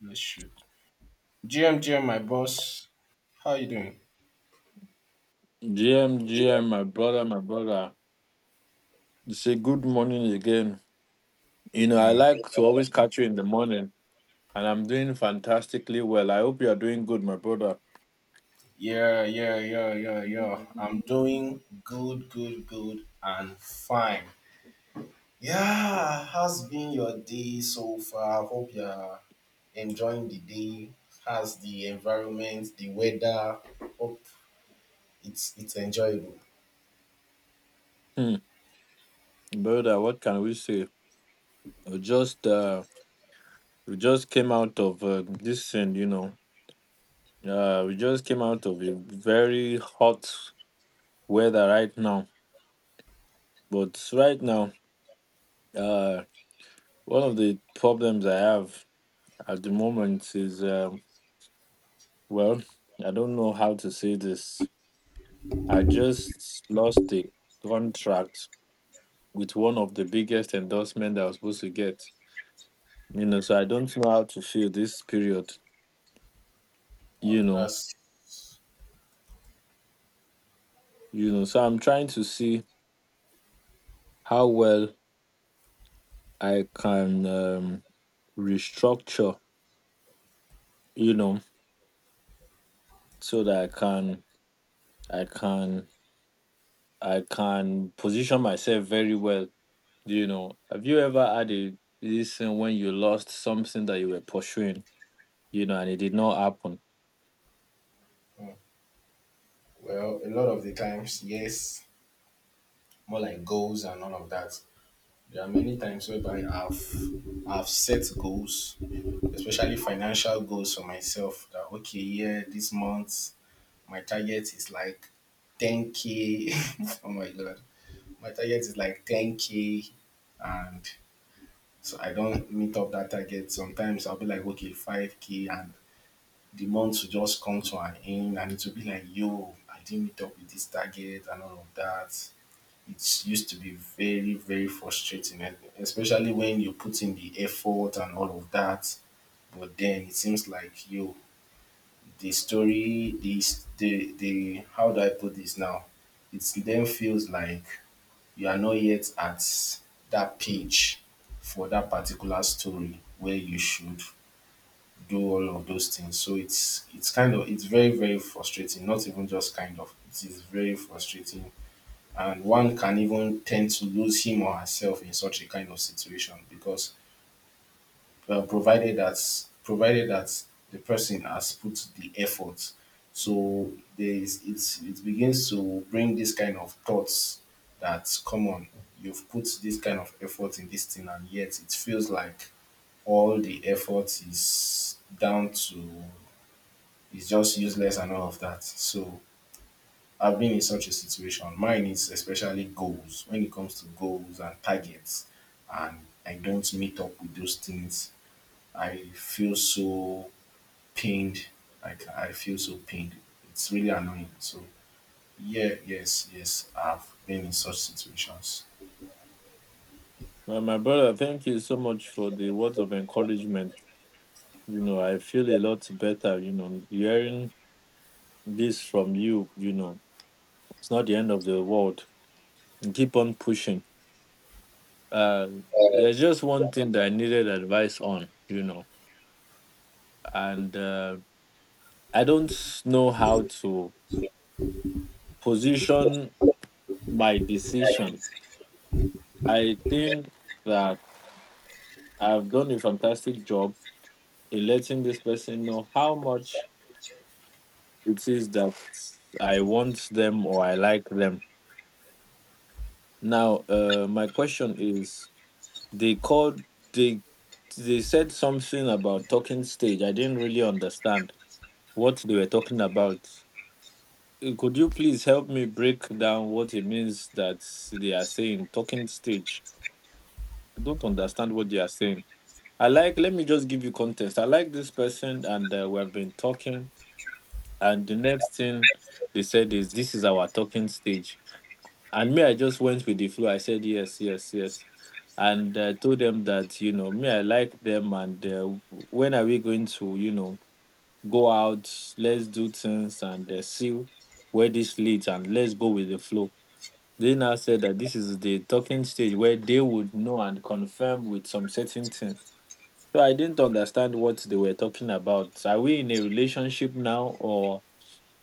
Bless you. GM, my boss. How you doing? GM GM, my brother, my brother. You say good morning again. You know, I Mm. like to always catch you in the morning, and I'm doing fantastically well. I hope you are doing good, my brother. Yeah, yeah, yeah, yeah, yeah, I'm doing good, good, good, and fine. Yeah, how's been your day so far? I hope you're enjoying the day. How's the environment, the weather? Hope it's enjoyable. Hmm, brother, what can we say? We just, uh, we just came out of this thing, you know. We just came out of a very hot weather right now. But right now, uh, one of the problems I have at the moment is. Well, I don't know how to say this. I just lost a contract with one of the biggest endorsements that I was supposed to get. You know, so I don't know how to feel this period. Wow, You know, that's you know. So I'm trying to see how well I can restructure. You know, so that I can, I can position myself very well. You know, have you ever had a this thing when you lost something that you were pursuing? You know, and it did not happen. mm, well, a lot of the times, yes, more like goals and all of that. There are many times whereby I've set goals, especially financial goals for myself. That okay, yeah, this month my target is like 10k. Oh my god, my target is like 10k, and so I don't meet up that target. Sometimes I'll be like okay, 5k, and the month will just come to an end, and it will be like yo, I didn't meet up with this target and all of that. It used to be very, very frustrating, and especially when you put in the effort and all of that. But then it seems like you, the story, this, the how do I put this now? It then feels like you are not yet at that page for that particular story where you should do all of those things. So it's kind of it's very very frustrating. Not even just kind of, it is very frustrating, and one can even tend to lose him or herself in such a kind of situation because well, provided that the person has put the effort. So there is it's, it begins to bring this kind of thoughts that come on, you've put this kind of effort in this thing and yet it feels like all the effort is down to is just useless and all of that. So I've been in such a situation. Mine is especially goals. When it comes to goals and targets, and I don't meet up with those things, I feel so pained. Like I feel so pained. It's really annoying. So yeah, yes, yes, I've been in such situations. Well, my brother, thank you so much for the words of encouragement. You know, I feel a lot better, you know, hearing this from you, you know, it's not the end of the world. Keep on pushing. Uh, there's just one thing that I needed advice on, you know, and I don't s- know how to position my decision. I think that I've done a fantastic job in letting this person know how much it is that I want them or I like them. Now, my question is: They called they they said something about talking stage. I didn't really understand what they were talking about. Could you please help me break down what it means that they are saying talking stage? I don't understand what they are saying. I like. Let me just give you context. I like this person, and we have been talking. And the next thing they said is, "This is our talking stage." And me, I just went with the flow. I said, yes, yes, yes. And told them that, you know, me, I like them. And when are we going to, you know, go out? Let's do things and see where this leads and let's go with the flow. They now said that this is the talking stage where they would know and confirm with some certain things. So I didn't understand what they were talking about. Are we in a relationship now or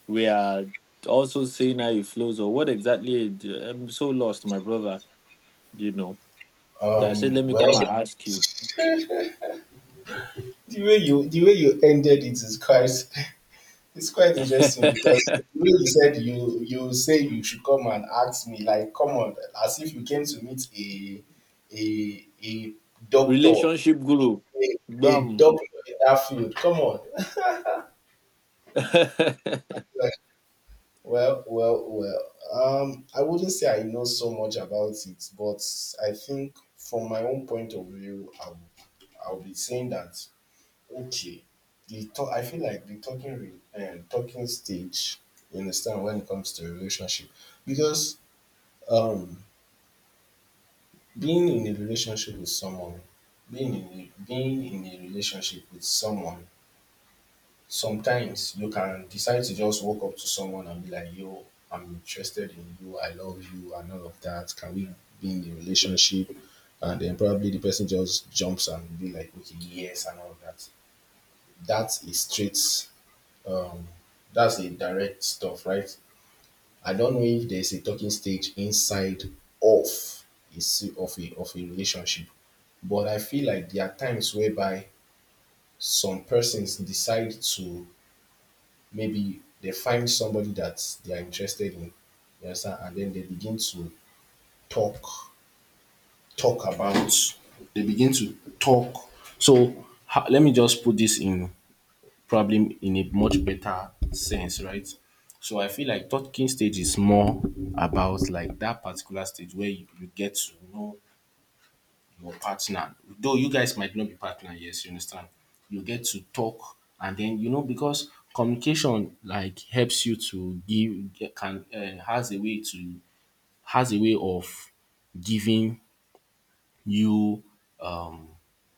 we are also seeing how it flows or what exactly? I'm so lost, my brother. You know, so I said, let me Well, come and ask you. The way you ended it is quite— it's quite interesting because the way you said you say you should come and ask me, like, come on, as if you came to meet a a doctor, Relationship guru, a, a bam. doctor in that field. Come on. Like, well, well, well. I wouldn't say I know so much about it, but I think from my own point of view, I will be saying that— okay. The talk, I feel like the talking stage, you understand, when it comes to a relationship, because um, being in a relationship with someone, being in a relationship with someone, sometimes you can decide to just walk up to someone and be like, "Yo, I'm interested in you. I love you, and all of that. Can we be in a relationship?" And then probably the person just jumps and be like, "Okay, yes," and all of that. That's a straight— Um, that's the direct stuff, right? I don't know if there's a talking stage inside of of a relationship, but I feel like there are times whereby some persons decide to— maybe they find somebody that they are interested in, you understand, and then they begin to talk— talk about— they begin to talk. Let me just put this in probably in a much better sense, right? So I feel like talking stage is more about like that particular stage where you get to know your partner. Though you guys might not be partner, yes, you understand. You get to talk and then you know because communication like helps you to give get- can has a way to— has a way of giving you um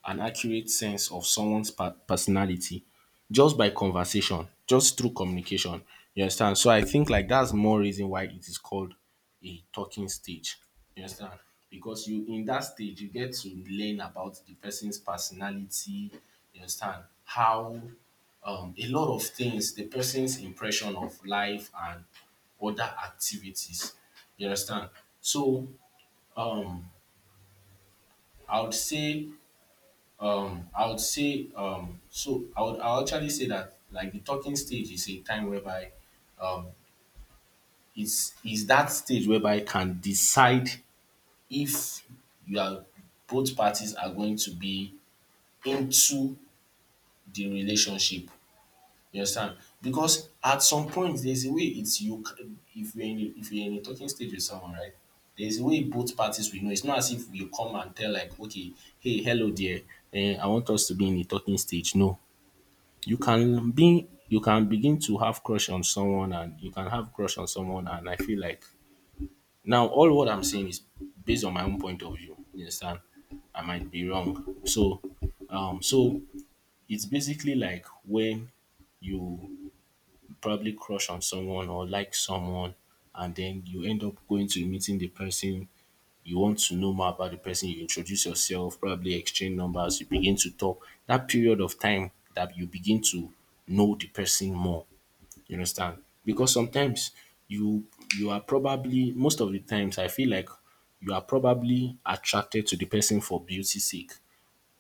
an accurate sense of someone's personality just by conversation, just through communication. You understand? So I think like that's more reason why it is called a talking stage. You understand? Because you in that stage you get to learn about the person's personality. You understand how a lot of things, the person's impression of life and other activities. You understand? So um, I would say I would say, so I would actually say that like the talking stage is a time whereby um, it's that stage whereby you can decide if you are both parties are going to be into the relationship. You understand? Because at some point there's a way it's if you're in a, if you're in a talking stage with someone, right? There's a way both parties will know. It's not as if you come and tell like, okay, hey, hello there, I want us to be in a talking stage. No, you can begin to have crush on someone, and you can have crush on someone, and I feel like now all what I'm saying is based on my own point of view. You understand? I might be wrong. So so it's basically like when you probably crush on someone or like someone, and then you end up going to meeting the person, you want to know more about the person, you introduce yourself, probably exchange numbers, you begin to talk— that period of time that you begin to know the person more. You understand? Because sometimes you you are probably— most of the times I feel like you are probably attracted to the person for beauty sake,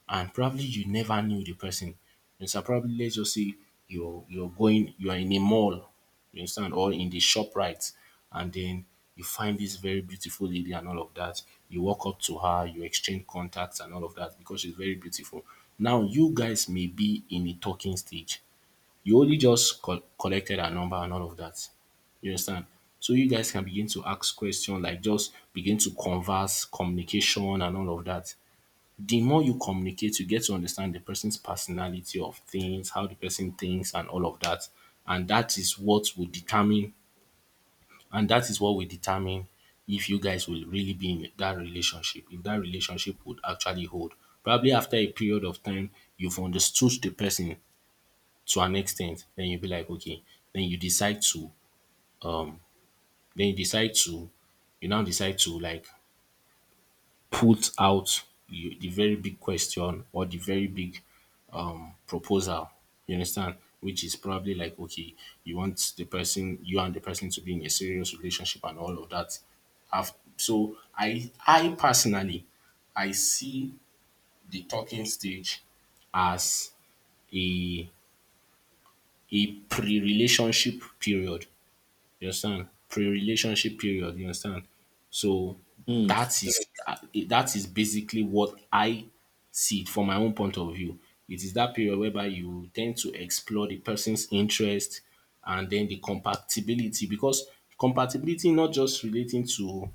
and probably you never knew the person. You understand? Probably let's just say you're going you are in a mall, you understand, or in the shop right, and then you find this very beautiful lady and all of that. You walk up to her, you exchange contacts and all of that because she's very beautiful. Now you guys may be in a talking stage, you only just collected her number and all of that. You understand? So you guys can begin to ask questions, like just begin to converse, communication, and all of that. The more you communicate, you get to understand the person's personality of things, how the person thinks, and all of that. And that is what will determine, and that is what will determine if you guys will really be in that relationship, if that relationship would actually hold. Probably after a period of time, you've understood the person, to an extent, then you be like, okay, then you decide to, then you decide to, you now decide to like put out you, the very big question or the very big proposal. You understand? Which is probably like, okay, you want the person, you and the person to be in a serious relationship and all of that. So I personally, I see the talking stage as a a pre-relationship period. You understand? Pre-relationship period. You understand? So Hmm, that is that is basically what I see it from my own point of view. It is that period whereby you tend to explore the person's interest and then the compatibility, because compatibility not just relating to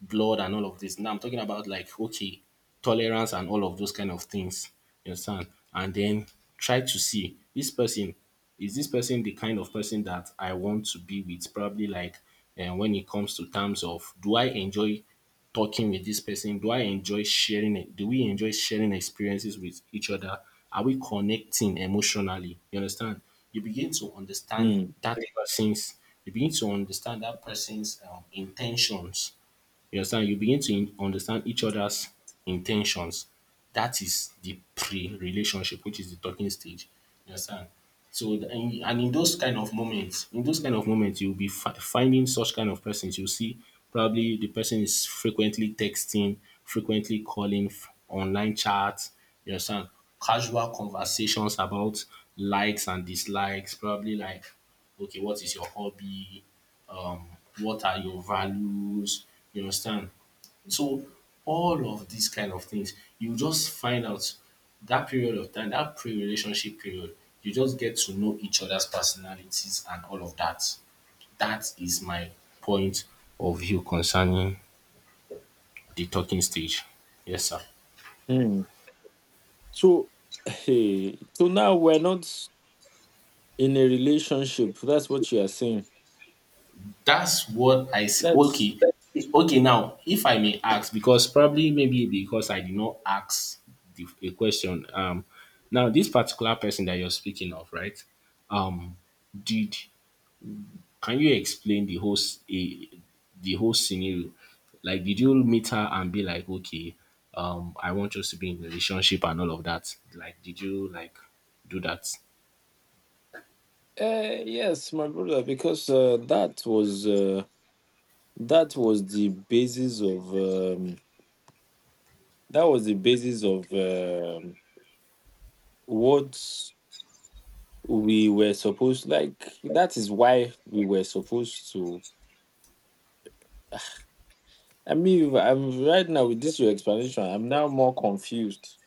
blood and all of this. Now I'm talking about like okay, tolerance and all of those kind of things. You understand? And then try to see this person— is this person the kind of person that I want to be with? Probably like— and when it comes to terms of, do I enjoy talking with this person? Do I enjoy sharing it? Do we enjoy sharing experiences with each other? Are we connecting emotionally? You understand? You begin to understand hmm, that person's, you begin to understand that person's intentions. You understand? You begin to understand each other's intentions. That is the pre-relationship, which is the talking stage. You understand? So, and in those kind of moments, in those kind of moments, you'll be finding such kind of persons. You'll see probably the person is frequently texting, frequently calling, online chats. You understand? Casual conversations about likes and dislikes, probably like okay, what is your hobby? Um, what are your values? You understand? So all of these kind of things, you just find out that period of time, that pre-relationship period, you just get to know each other's personalities and all of that. That is my point of view concerning the talking stage. Yes, sir. hmm. So, hey, so now we're not in a relationship. That's what you are saying. That's what I see. That's Okay. Okay, now, if I may ask, because probably maybe because I did not ask a question. Now, this particular person that you're speaking of, right? Um, did Can you explain the whole the whole scenario? Like, did you meet her and be like, okay, I want us to be in a relationship and all of that? Like, did you like do that? uh, yes, my brother, because that was the basis of um, that was the basis of what we were supposed like. That is why we were supposed to I mean, I'm right now with this your explanation. I'm now more confused,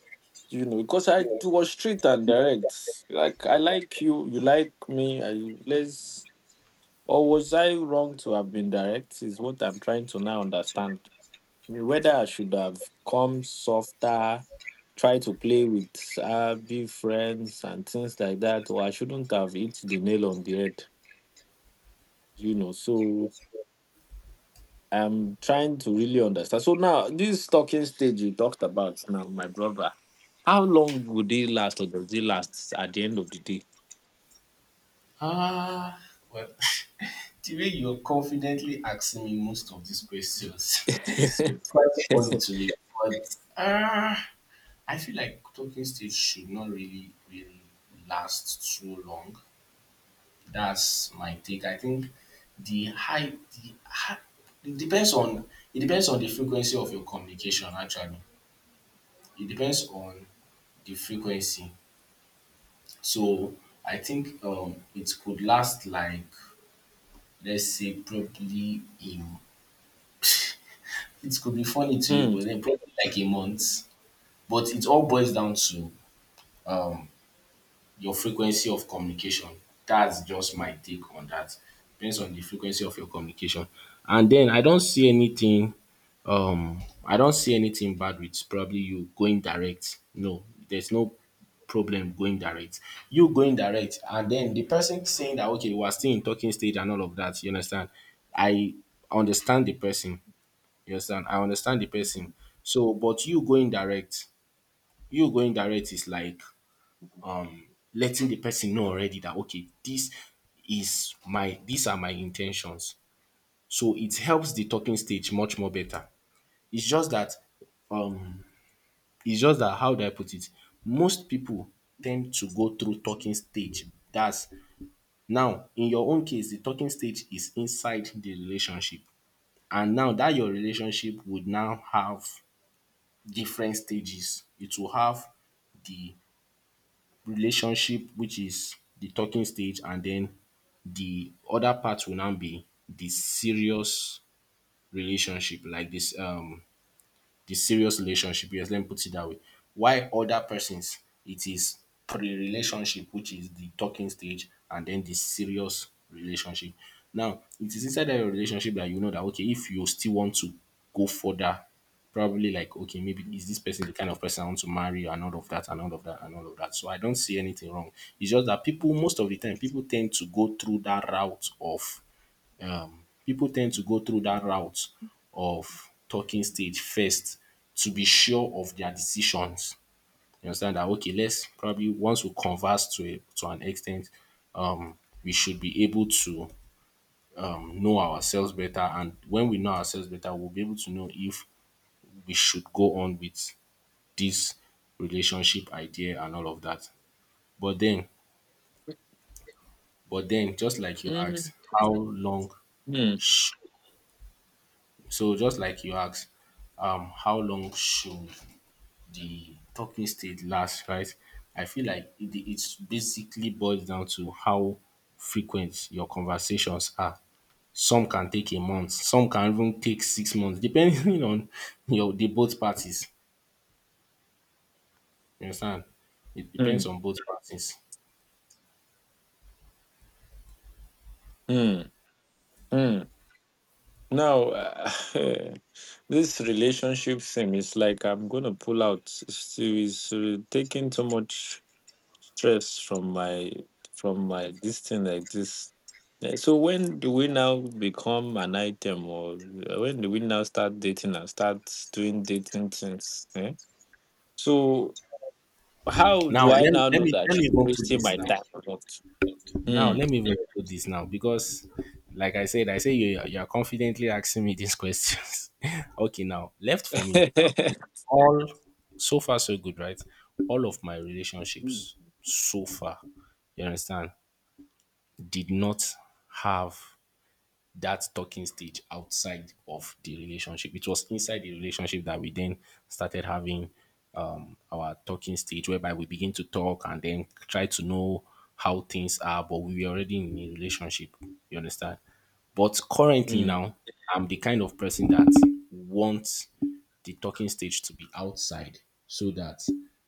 you know, because I it was straight and direct. Like I like you like me. I let's or was I wrong to have been direct? Is what I'm trying to now understand. I mean, whether I should have come softer, try to play with be friends and things like that, or I shouldn't have hit the nail on the head, you know. So I'm trying to really understand. So now, this talking stage you talked about now, my brother, how long would it last or does it last at the end of the day? Ah, well, the way you're confidently asking me most of these questions, quite funny to me. But ah, I feel like talking stage should not really, really last too long. That's my take. I think the high, the high it depends on it depends on the frequency of your communication. Actually, it depends on the frequency. So I think it could last like let's say probably in it could be funny to you, Hmm. but then probably like a month. But it all boils down to um, your frequency of communication. That's just my take on that. Depends on the frequency of your communication. And then I don't see anything bad with probably you going direct. No, there's no problem going direct. You going direct and then the person saying that okay, we are still in talking stage and all of that. You understand. I understand the person, you understand. I understand the person. So but you going direct, is like letting the person know already that okay, this is my these are my in ten tions. So it helps the talking stage much more better. It's just that um it's just that how do I put it? Most people tend to go through talking stage. That's. Now in your own case, the talking stage is inside the relationship. And now that your relationship would now have different stages. It will have the relationship which is the talking stage, and den the other part will now be the serious relationship like this the serious relationship. Yes, let me put it that way. Why other persons, it is pre-relationship, which is the talking stage, and then the serious relationship. Now, it is inside that relationship that you know that okay, if you still want to go further, probably like okay, maybe is this person the kind of person I want to marry, and all of that, and all of that, and all of that. So I don't see anything wrong. It's just that people, most of the time, people tend to go through that route of people tend to go through that route of talking stage first to be sure of their decisions. You understand that okay, let's probably once we converse to an extent, um, we should be able to know ourselves better, and when we know ourselves better, we'll be able to know if we should go on with this relationship idea and all of that. But then, just like you Mm, asked, how long? mm, sh- So just like you asked, how long should the talking stage lasts, right? I feel like it's basically boils down to how frequent your conversations are. Some can take a month, some can even take 6 months, depending on your the both parties. You understand? It depends mm, on both parties. mm, mm. Now, this relationship thing is like I'm going to pull out. It's taking too much stress from my this thing like this. Eh, so when do we now become an item, or when do we now start dating and start doing dating things? Eh? So how Now do I let me now let know me that let me she's even put wasting this my now. time or not? Now Hmm. let me even put this now because like I said, I say you are confidently asking me these questions. Okay, now left for me, all so far so good, right, all of my relationships so far, you understand, did not have that talking stage outside of the relationship. It was inside the relationship that we then started having our talking stage, whereby we begin to talk and then try to know how things are, but we were already in a relationship. You understand? But currently Hmm. now, I'm the kind of person that wants the talking stage to be outside so that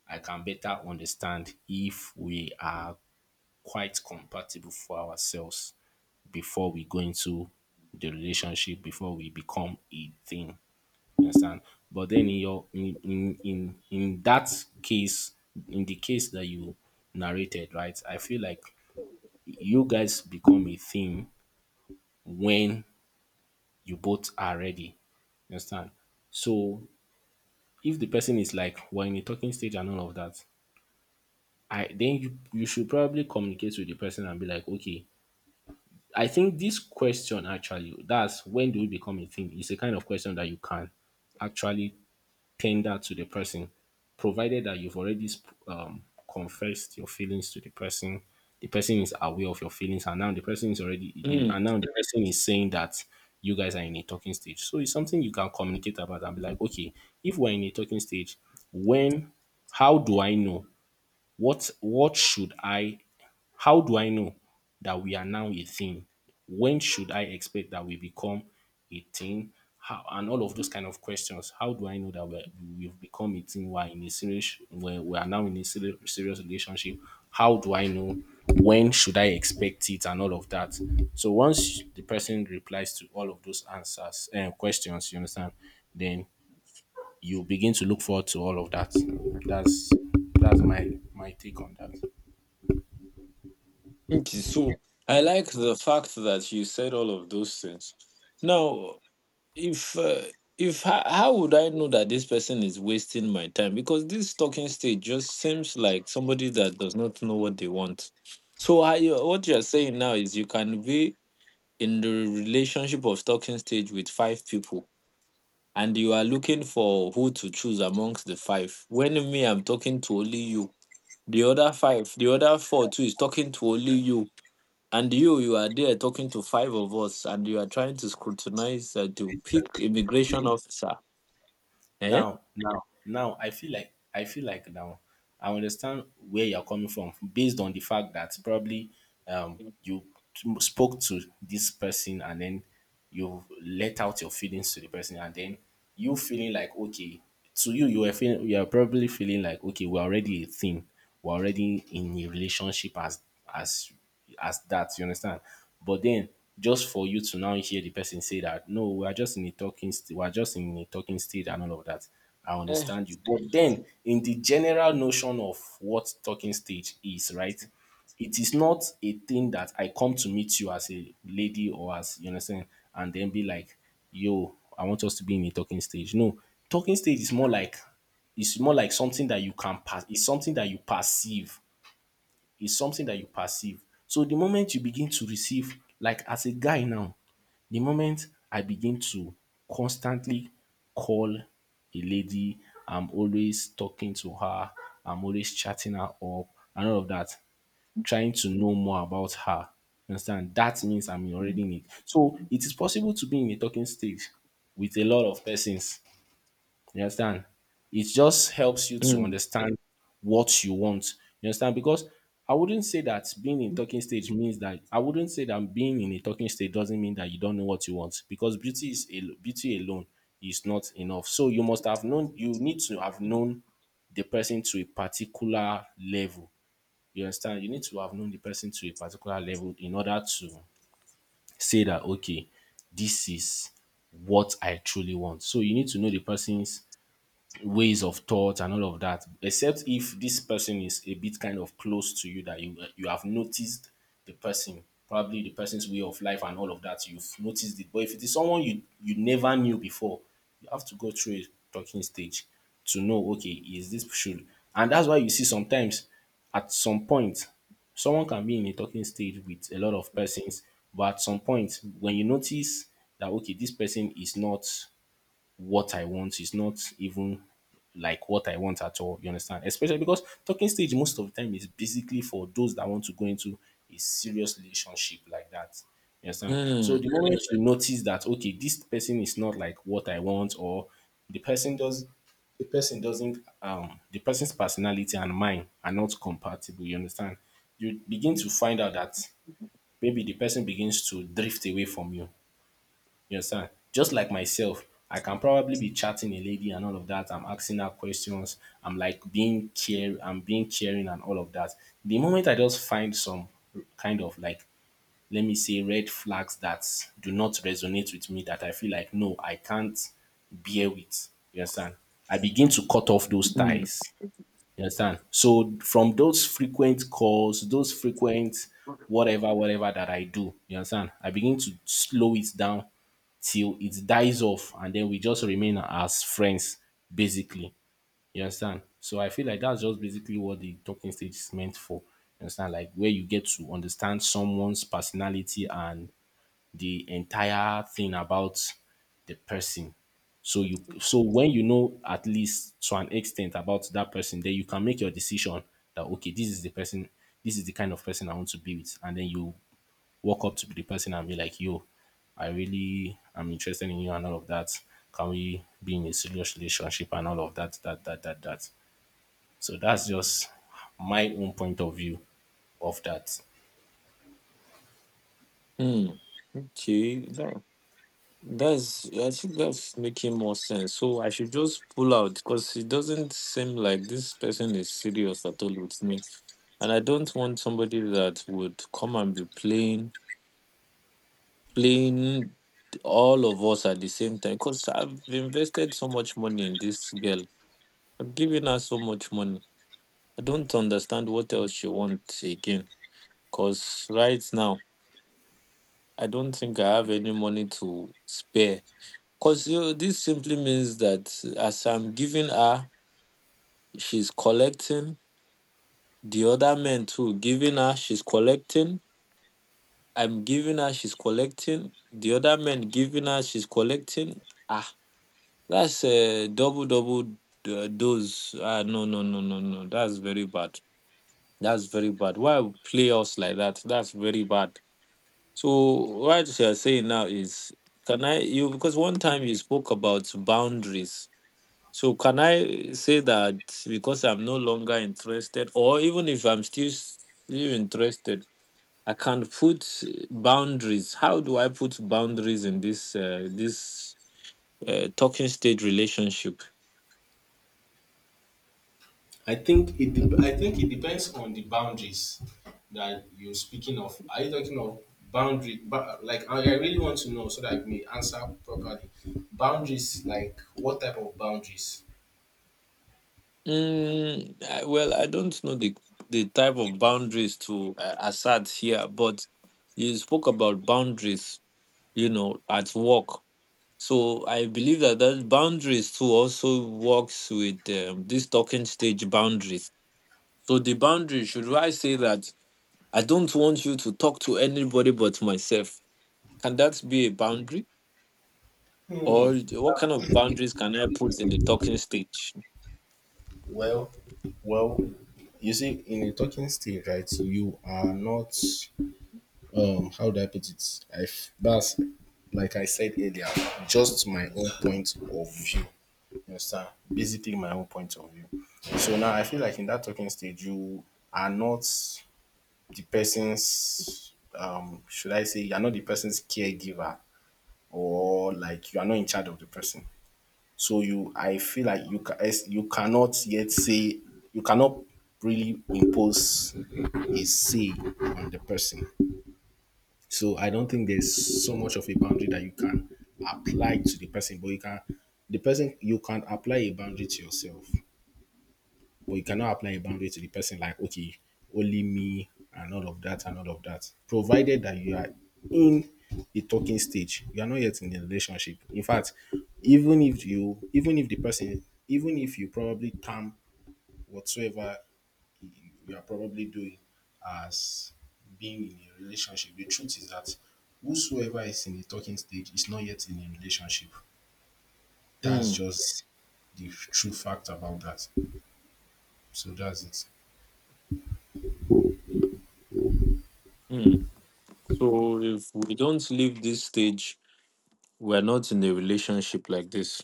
I can better understand if we are quite compatible for ourselves before we go into the relationship, before we become a thing. You understand? But then in your in that case, in the case that you narrated, right? I feel like you guys become a thing when you both are ready. You understand? So if the person is like we're in a talking stage and all of that, I then you, should probably communicate with the person and be like, okay, I think this question actually, that's when do we become a thing? Is a kind of question that you can actually tender to the person, provided that you've already um, confessed your feelings to the person. The person is aware of your feelings, and now the person is already, Hmm. and now the person is saying that you guys are in a talking stage. So it's something you can communicate about and be like, okay, if we're in a talking stage, when, how do I know what should I how do I know that we are now a thing? When should I expect that we become a thing? How, and all of those kind of questions. How do I know that we've become a thing? We are now in a serious, serious relationship. How do I know? When should I expect it? And all of that. So once the person replies to all of those answers and questions, you understand, then you begin to look forward to all of that. That's my take on that. Okay, so I like the fact that you said all of those things. Now, if uh, if how, how would I know that this person is wasting my time, because this talking stage just seems like somebody that does not know what they want. So how you, what you're saying now is you can be in the relationship of talking stage with five people and you are looking for who to choose amongst the five, when me I'm talking to only you, the other five, the other four too is talking to only you, and you are there talking to five of us and you are trying to scrutinize, to pick immigration officer. Eh? Now, I feel like now I understand where you're coming from based on the fact that probably um, Eh. you spoke to this person and then you let out your feelings to the person and then you feeling like okay you are probably feeling like okay, we're already a thing, we're already in a relationship as as that, you understand? But then just for you to now hear the person say that no, we are just in a talking stage and all of that. I understand you. But then in the general notion of what talking stage is, right? It is not a thing that I come to meet you as a lady or as you understand and then be like, yo, I want us to be in a talking stage. No, talking stage is more like something that you can pass. It's something that you perceive. It's something that you perceive. So the moment you begin to receive, like as a guy now, the moment I begin to constantly call a lady, I'm always talking to her, I'm always chatting her up, and all of that trying to know more about her. You understand? That means I'm already in it. So it is possible to be in a talking stage with a lot of persons. You understand? It just helps you to understand what you want. You understand? Because I wouldn't say that being in talking stage means that I wouldn't say that being in a talking stage doesn't mean that you don't know what you want because beauty alone is not enough. So you need to have ええうん。うん。うん。Mm, known the person to a particular level, you understand? You need to have known the person to a particular level in order to say that, okay, this is what I truly want. So you need to know the person's ways of thought and all of that, except if this person is a bit kind of close to you that you have noticed the person, probably the person's way of life and all of that, you've noticed it. But if it is someone you never knew before, you have to go through a talking stage to know okay is this should and that's why you see sometimes at some point someone can be in a talking stage with a lot of persons, but at some point when you notice that okay, this person is not what I want. Is not even like what I want at all. You understand? Especially because talking stage most of the time is basically for those that want to go into a serious relationship like that. You understand? So the moment you notice that okay, this person is not like what I want, or the person does the person doesn't the person's personality and mine are not compatible, you understand? You begin to find out that maybe the person begins to drift away from you. You understand? Just like myself, I can probably be chatting a lady and all of that. I'm asking her questions. I'm like being care. I'm being caring and all of that. The moment I just find some kind of like, let me say, red flags that do not resonate with me, that I feel like no, I can't bear with. You understand? I begin to cut off those ties. You understand? So from those frequent calls, those frequent whatever, whatever that I do, you understand? I begin to slow it down till it dies off, and then we just remain as friends, basically. You understand? So I feel like that's just basically what the talking stage is meant for. You understand? Like where you get to understand someone's personality and the entire thing about the person. So when you know at least to an extent about that person, then you can make your decision that okay, this is the person, this is the kind of person I want to be with. And then you walk up to the person and be like, yo, I really am interested in you and all of that. Can we be in a serious relationship and all of that. So that's just my own point of view of that. okay, that that's I think that's making more sense. So I should just pull out because it doesn't seem like this person is serious at all with me, and I don't want somebody that would come and be playing all of us at the same time. Because I've invested so much money in this girl, I've given her so much money. I don't understand what else she wants again. Because right now, I don't think I have any money to spare. Because you know, this simply means that as I'm giving her, she's collecting. The other men too, giving her, she's collecting. I'm giving her, she's collecting. The other men giving her, she's collecting. Ah, that's a double, double dose. Ah, no, no, no, no, no. That's very bad. That's very bad. Why play us like that? That's very bad. So what you're saying now is, can I you because one time you spoke about boundaries. So can I say that because I'm no longer interested, or even if I'm still interested, I can put boundaries. How do I put boundaries in this talking stage relationship? I think it depends on the boundaries that you're speaking of. Are you talking of boundary? Like I really want to know so that I may answer properly. Boundaries, like what type of boundaries? Mm, I- well, I don't know the type of boundaries to assert here, but you spoke about boundaries. You know, at work. So I believe that that boundaries too also works with this talking stage boundaries. So the boundary should I say that I don't want you to talk to anybody but myself? Can that be a boundary, or what kind of boundaries can I put in the talking stage? Well, well, you see, in a talking stage, right? You are not how do I put it? That's like I said earlier, just my own point of view. You understand? Basically, my own point of view. So now I feel like in that talking stage, you are not the person's should I say you're not the person's caregiver or like you are not in charge of the person. So you I feel like you cannot yet say you cannot really impose a say on the person. So I don't think there's so much of a boundary that you can apply to the person, but you can apply a boundary to yourself, but you cannot apply a boundary to the person like okay, only me and all of that and all of that. Provided that you are in the talking stage, you are not yet in a relationship. In fact, even if the person even if you probably term whatsoever you are probably doing as being in a relationship. The truth is that whosoever is in the talking stage is not yet in a relationship. That's Hmm. just the true fact about that. So that's it. Hmm. So if we don't leave this stage, we're not in a relationship like this.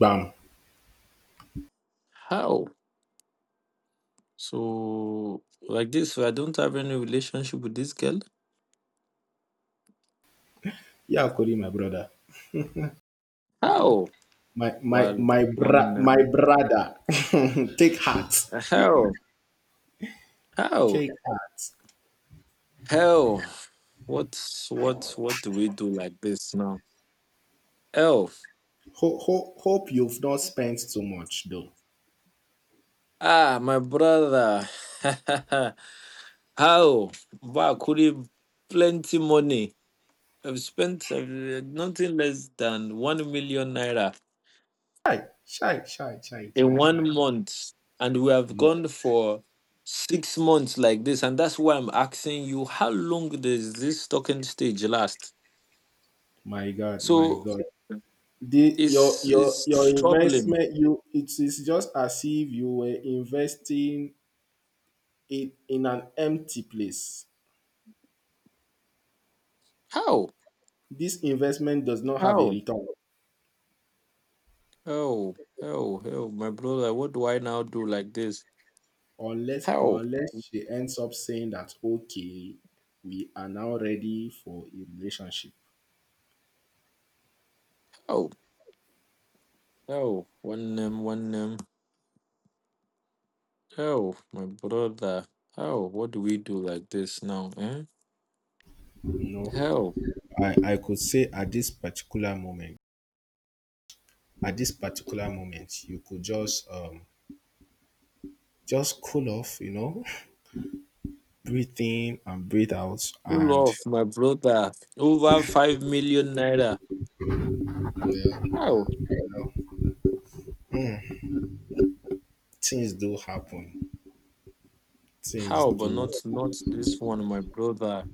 Bam. How? So like this, I don't have any relationship with this girl. Yeah, Cody, my brother. How? My my Well, my bra my one. brother. Take heart. How? How? Take heart. How? What's what do we do like this now? Oh. Hope you've not spent too much though. Ah, my brother. How? Wow, could have plenty money. I've spent nothing less than 1 million naira Shy, shy, shy, shy, in shy, shy. 1 month, and we have My gone for 6 months like this, and that's why I'm asking you, how long does this stocking stage last? my God, my So God. The it's it's your troubling. investment, you it is just as if you were investing it in an empty place. How? This investment does not have a How? return Oh, oh, oh, my brother, what do I now do like this? unless How? She ends up saying that okay, we are now ready for a relationship. Oh, oh, one name, one name. Oh, my brother. Oh, what do we do like this now? Eh? You know, How? I could say at this particular moment, you could just cool off, you know. Breathe in and breathe out. Pull And off, my brother. Over 5 million naira. well, How? you know, things do happen. Things How? But do not this one, my brother.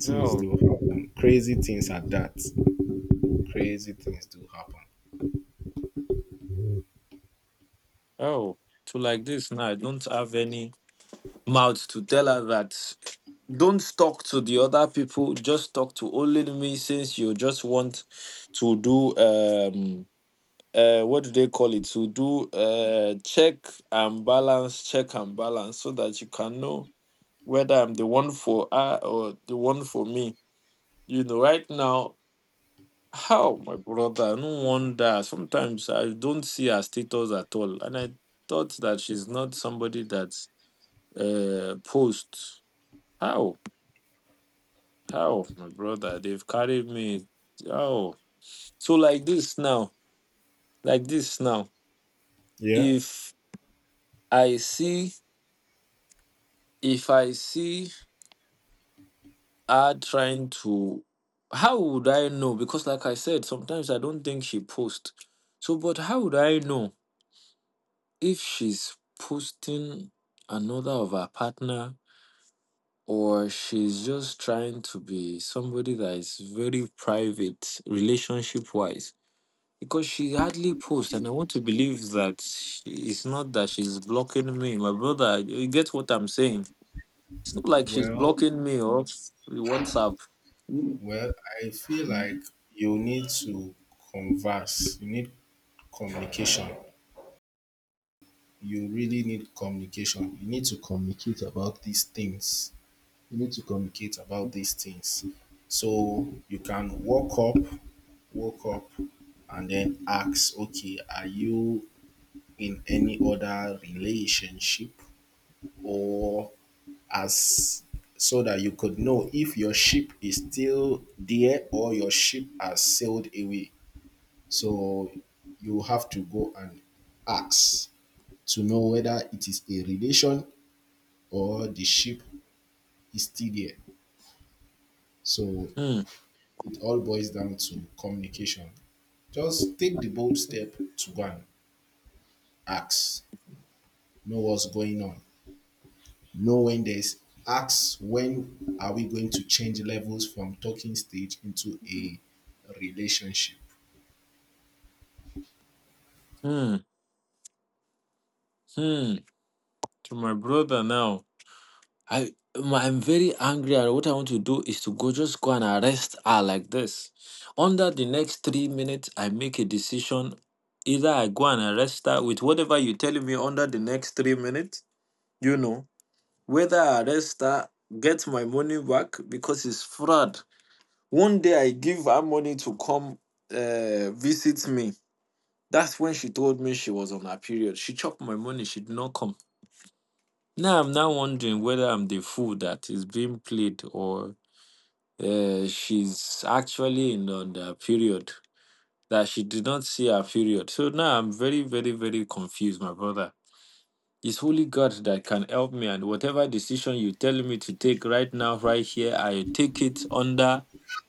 things No. do happen. Crazy things at that. Crazy things do happen. Oh, to like this now. I don't have any mouth to tell her that don't talk to the other people, just talk to only me, since you just want to do what do they call it, to do check and balance, check and balance, so that you can know whether I'm the one for her or the one for me. You know, right now, how, my brother, no wonder sometimes I don't see her status at all and I thought that she's not somebody that posts. How? Oh, my brother, they've carried me. Oh, so like this now, like this now. Yeah. If I see, if I see her trying to, how would I know? Because like I said, sometimes I don't think she posts. So, but how would I know if she's posting another of her partner or she's just trying to be somebody that is very private relationship wise? Because she hardly posts, and I want to believe that it's not that she's blocking me, my brother. You get what I'm saying? It's not like she's Well, blocking me or WhatsApp. well, I feel like you need to converse. You need communication. You really need communication. You need to communicate about these things. You need to communicate about these things. So you can walk up, and then ask, okay, are you in any other relationship or as, so that you could know if your ship is still there or your ship has sailed away. So you have to go and ask to know whether it is a relation or the ship is still there. So Hmm, it all boils down to communication. Just take the bold step to go and ask, know what's going on. Know when there's Asks, when are we going to change levels from talking stage into a relationship? hmm, hmm. To my brother now, I'm very angry, and what I want to do is to go just go and arrest her like this. Under the next 3 minutes, I make a decision. Either I go and arrest her with whatever you're telling me under the next 3 minutes, you know, whether I arrest her, get my money back because it's fraud. One day I give her money to come visit me. That's when she told me she was on her period. She chopped my money. She did not come. Now I'm now wondering whether I'm the fool that is being played, or she's actually in on her period, that she did not see her period. So now I'm very, very, very confused, my brother. It's Holy God that can help me. And whatever decision you tell me to take right now, right here, I take it under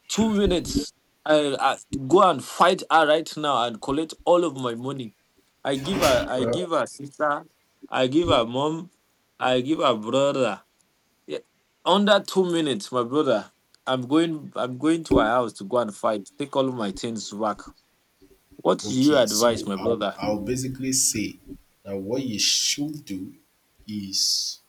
2 minutes. I go and fight her right now and collect all of my money. I give her sister, I give her mom, I give her brother. Yeah. Under 2 minutes, my brother. I'm going. I'm going to her house to go and fight. Take all of my things back. What do you Okay, so advise, my brother? I'll basically say that what you should do is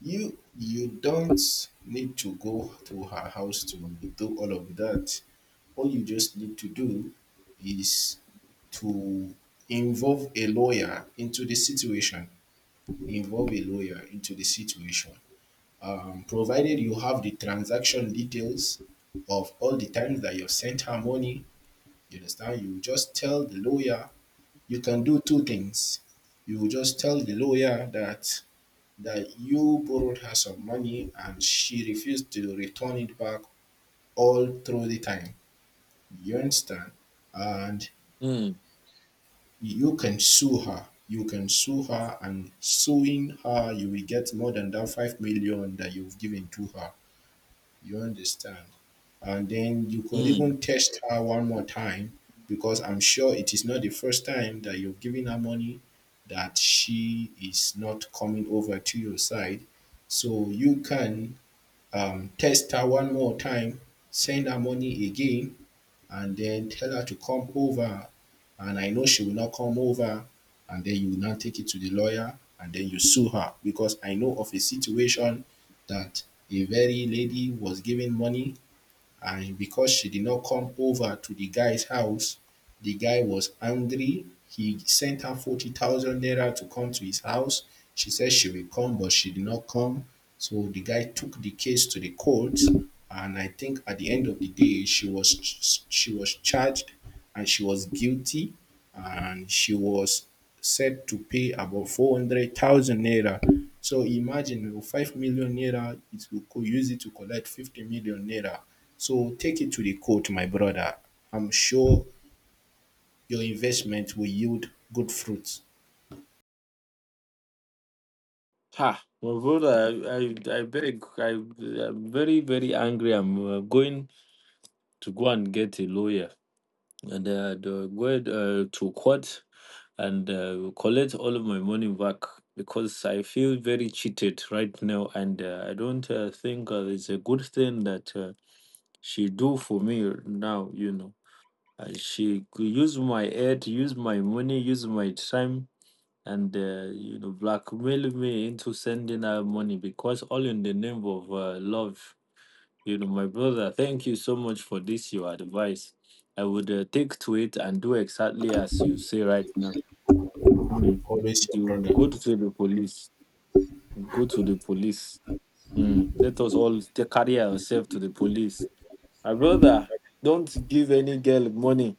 you don't need to go to her house to do all of that. All you just need to do is to involve a lawyer into the situation. involve a lawyer into the situation Provided you have the transaction details of all the times that you've sent her money. You understand? You just tell the lawyer. You can do two things. You just tell the lawyer that you borrowed her some money and she refused to return it back all through the time. You understand? And Hmm. you can sue her. You can sue her, and suing her, you will get more than that 5 million that you've given to her. You understand? And then you could even Hmm. test her one more time, because I'm sure it is not the first time that you've given her money that she is not coming over to your side. So you can text her one more time, send her money again, and then tell her to come over. And I know she will not come over. And then you will now take it to the lawyer, and then you sue her. Because I know of a situation that a very lady was given money, and because she did not come over to the guy's house, the guy was angry. He sent her 40,000 naira to come to his house. She said she will come, but she did not come. So the guy took the case to the court. And I think at the end of the day, she was charged and she was guilty and she was said to pay about 400,000 naira. So imagine, oh, 5 million naira, it will use it to collect 50 million naira. So take it to the court, my brother. I'm sure your investment will yield good fruits. Ha, Mavula, I'm very, very angry. I'm going to go and get a lawyer, and go to court, and collect all of my money back, because I feel very cheated right now. And I don't think it's a good thing that she do for me now, you know. She could use my aid, use my money, use my time, and you know, blackmail me into sending her money, because all in the name of love, you know. My brother, thank you so much for this your advice. I would take to it and do exactly as you say right now. Mhm. Always your You brother. go to the police, go to the police. Mm. Let us all carry ourselves to the police, my brother. Don't give any girl money,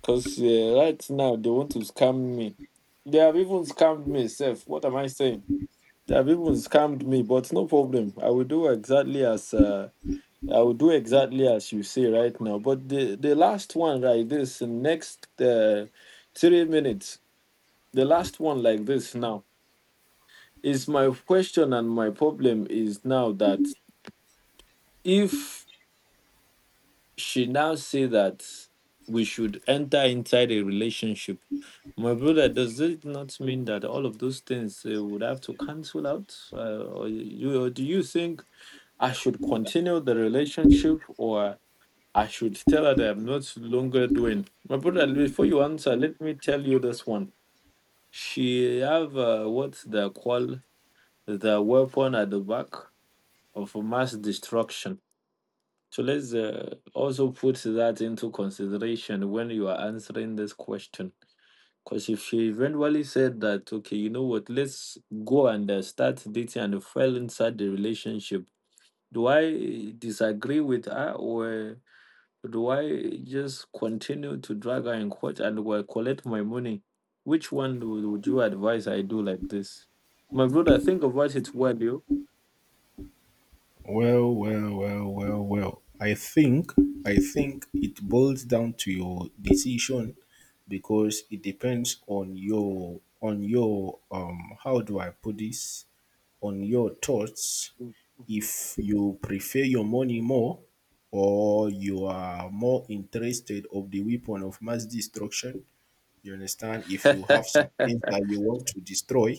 because right now they want to scam me. They have even scammed me self. What am I saying? There are people who scammed me, but no problem. I will do exactly as you say right now. But the last one like this, the next 3 minutes, the last one like this now, is my question. And my problem is now that, if she now say that we should enter inside a relationship, my brother, does it not mean that all of those things would have to cancel out? Uh, or you, or do you think I should continue the relationship, or I should tell her that I'm not longer doing? My brother, before you answer, let me tell you this one. She have what they call the weapon at the back of mass destruction. So let's also put that into consideration when you are answering this question. Because if she eventually said that, okay, you know what, let's go and start dating and fell inside the relationship, do I disagree with her, or do I just continue to drag her in court and will collect my money? Which one would you advise I do like this? My brother, think about it well, you. Well. I think it boils down to your decision, because it depends on your how do I put this, on your thoughts. If you prefer your money more or you are more interested of the weapon of mass destruction, you understand? If you have some things that you want to destroy,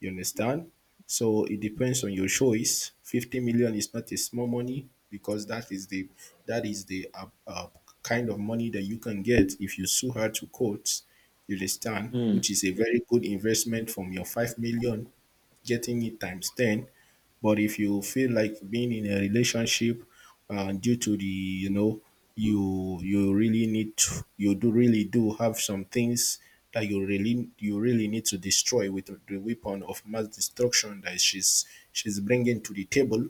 you understand? So it depends on your choice. 50 million is not a small money, because that is the kind of money that you can get if you sue her to court. You understand? Hmm. Which is a very good investment from your 5 million, getting it times 10. But if you feel like being in a relationship, due to the, you know, you really need to, you do really do have some things that you really need to destroy with the weapon of mass destruction that she's bringing to the table,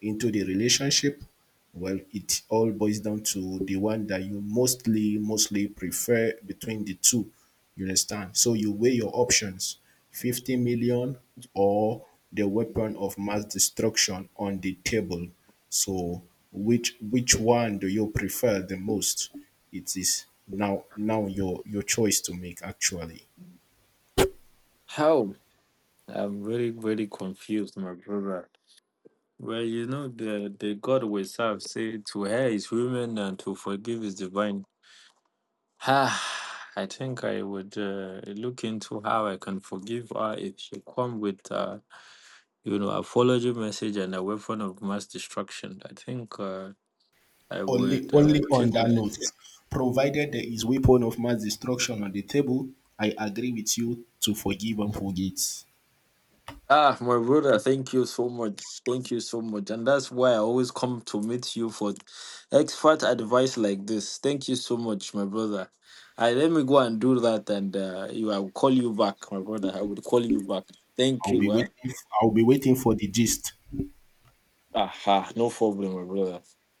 into the relationship? Well, it all boils down to the one that you mostly prefer between the two. You understand? So you weigh your options, 50 million or the weapon of mass destruction on the table. So which one do you prefer the most? It is now your choice to make actually. How? I'm very, very confused, my brother. Well, you know, the God we serve say to her is human and to forgive is divine. Ah, I think I would look into how I can forgive her if she come with you know, apology message and a weapon of mass destruction. I think I would Only on take that it. note, provided there is weapon of mass destruction on the table, I agree with you to forgive and forget. Ah, my brother, thank you so much. Thank you so much. And that's why I always come to meet you for expert advice like this. Thank you so much, my brother. I, let me go and do that, and you, I will call you back, my brother. I would call you back. Thank I'll be you. Eh? waiting. I'll be waiting for the gist. Aha, no problem, my brother.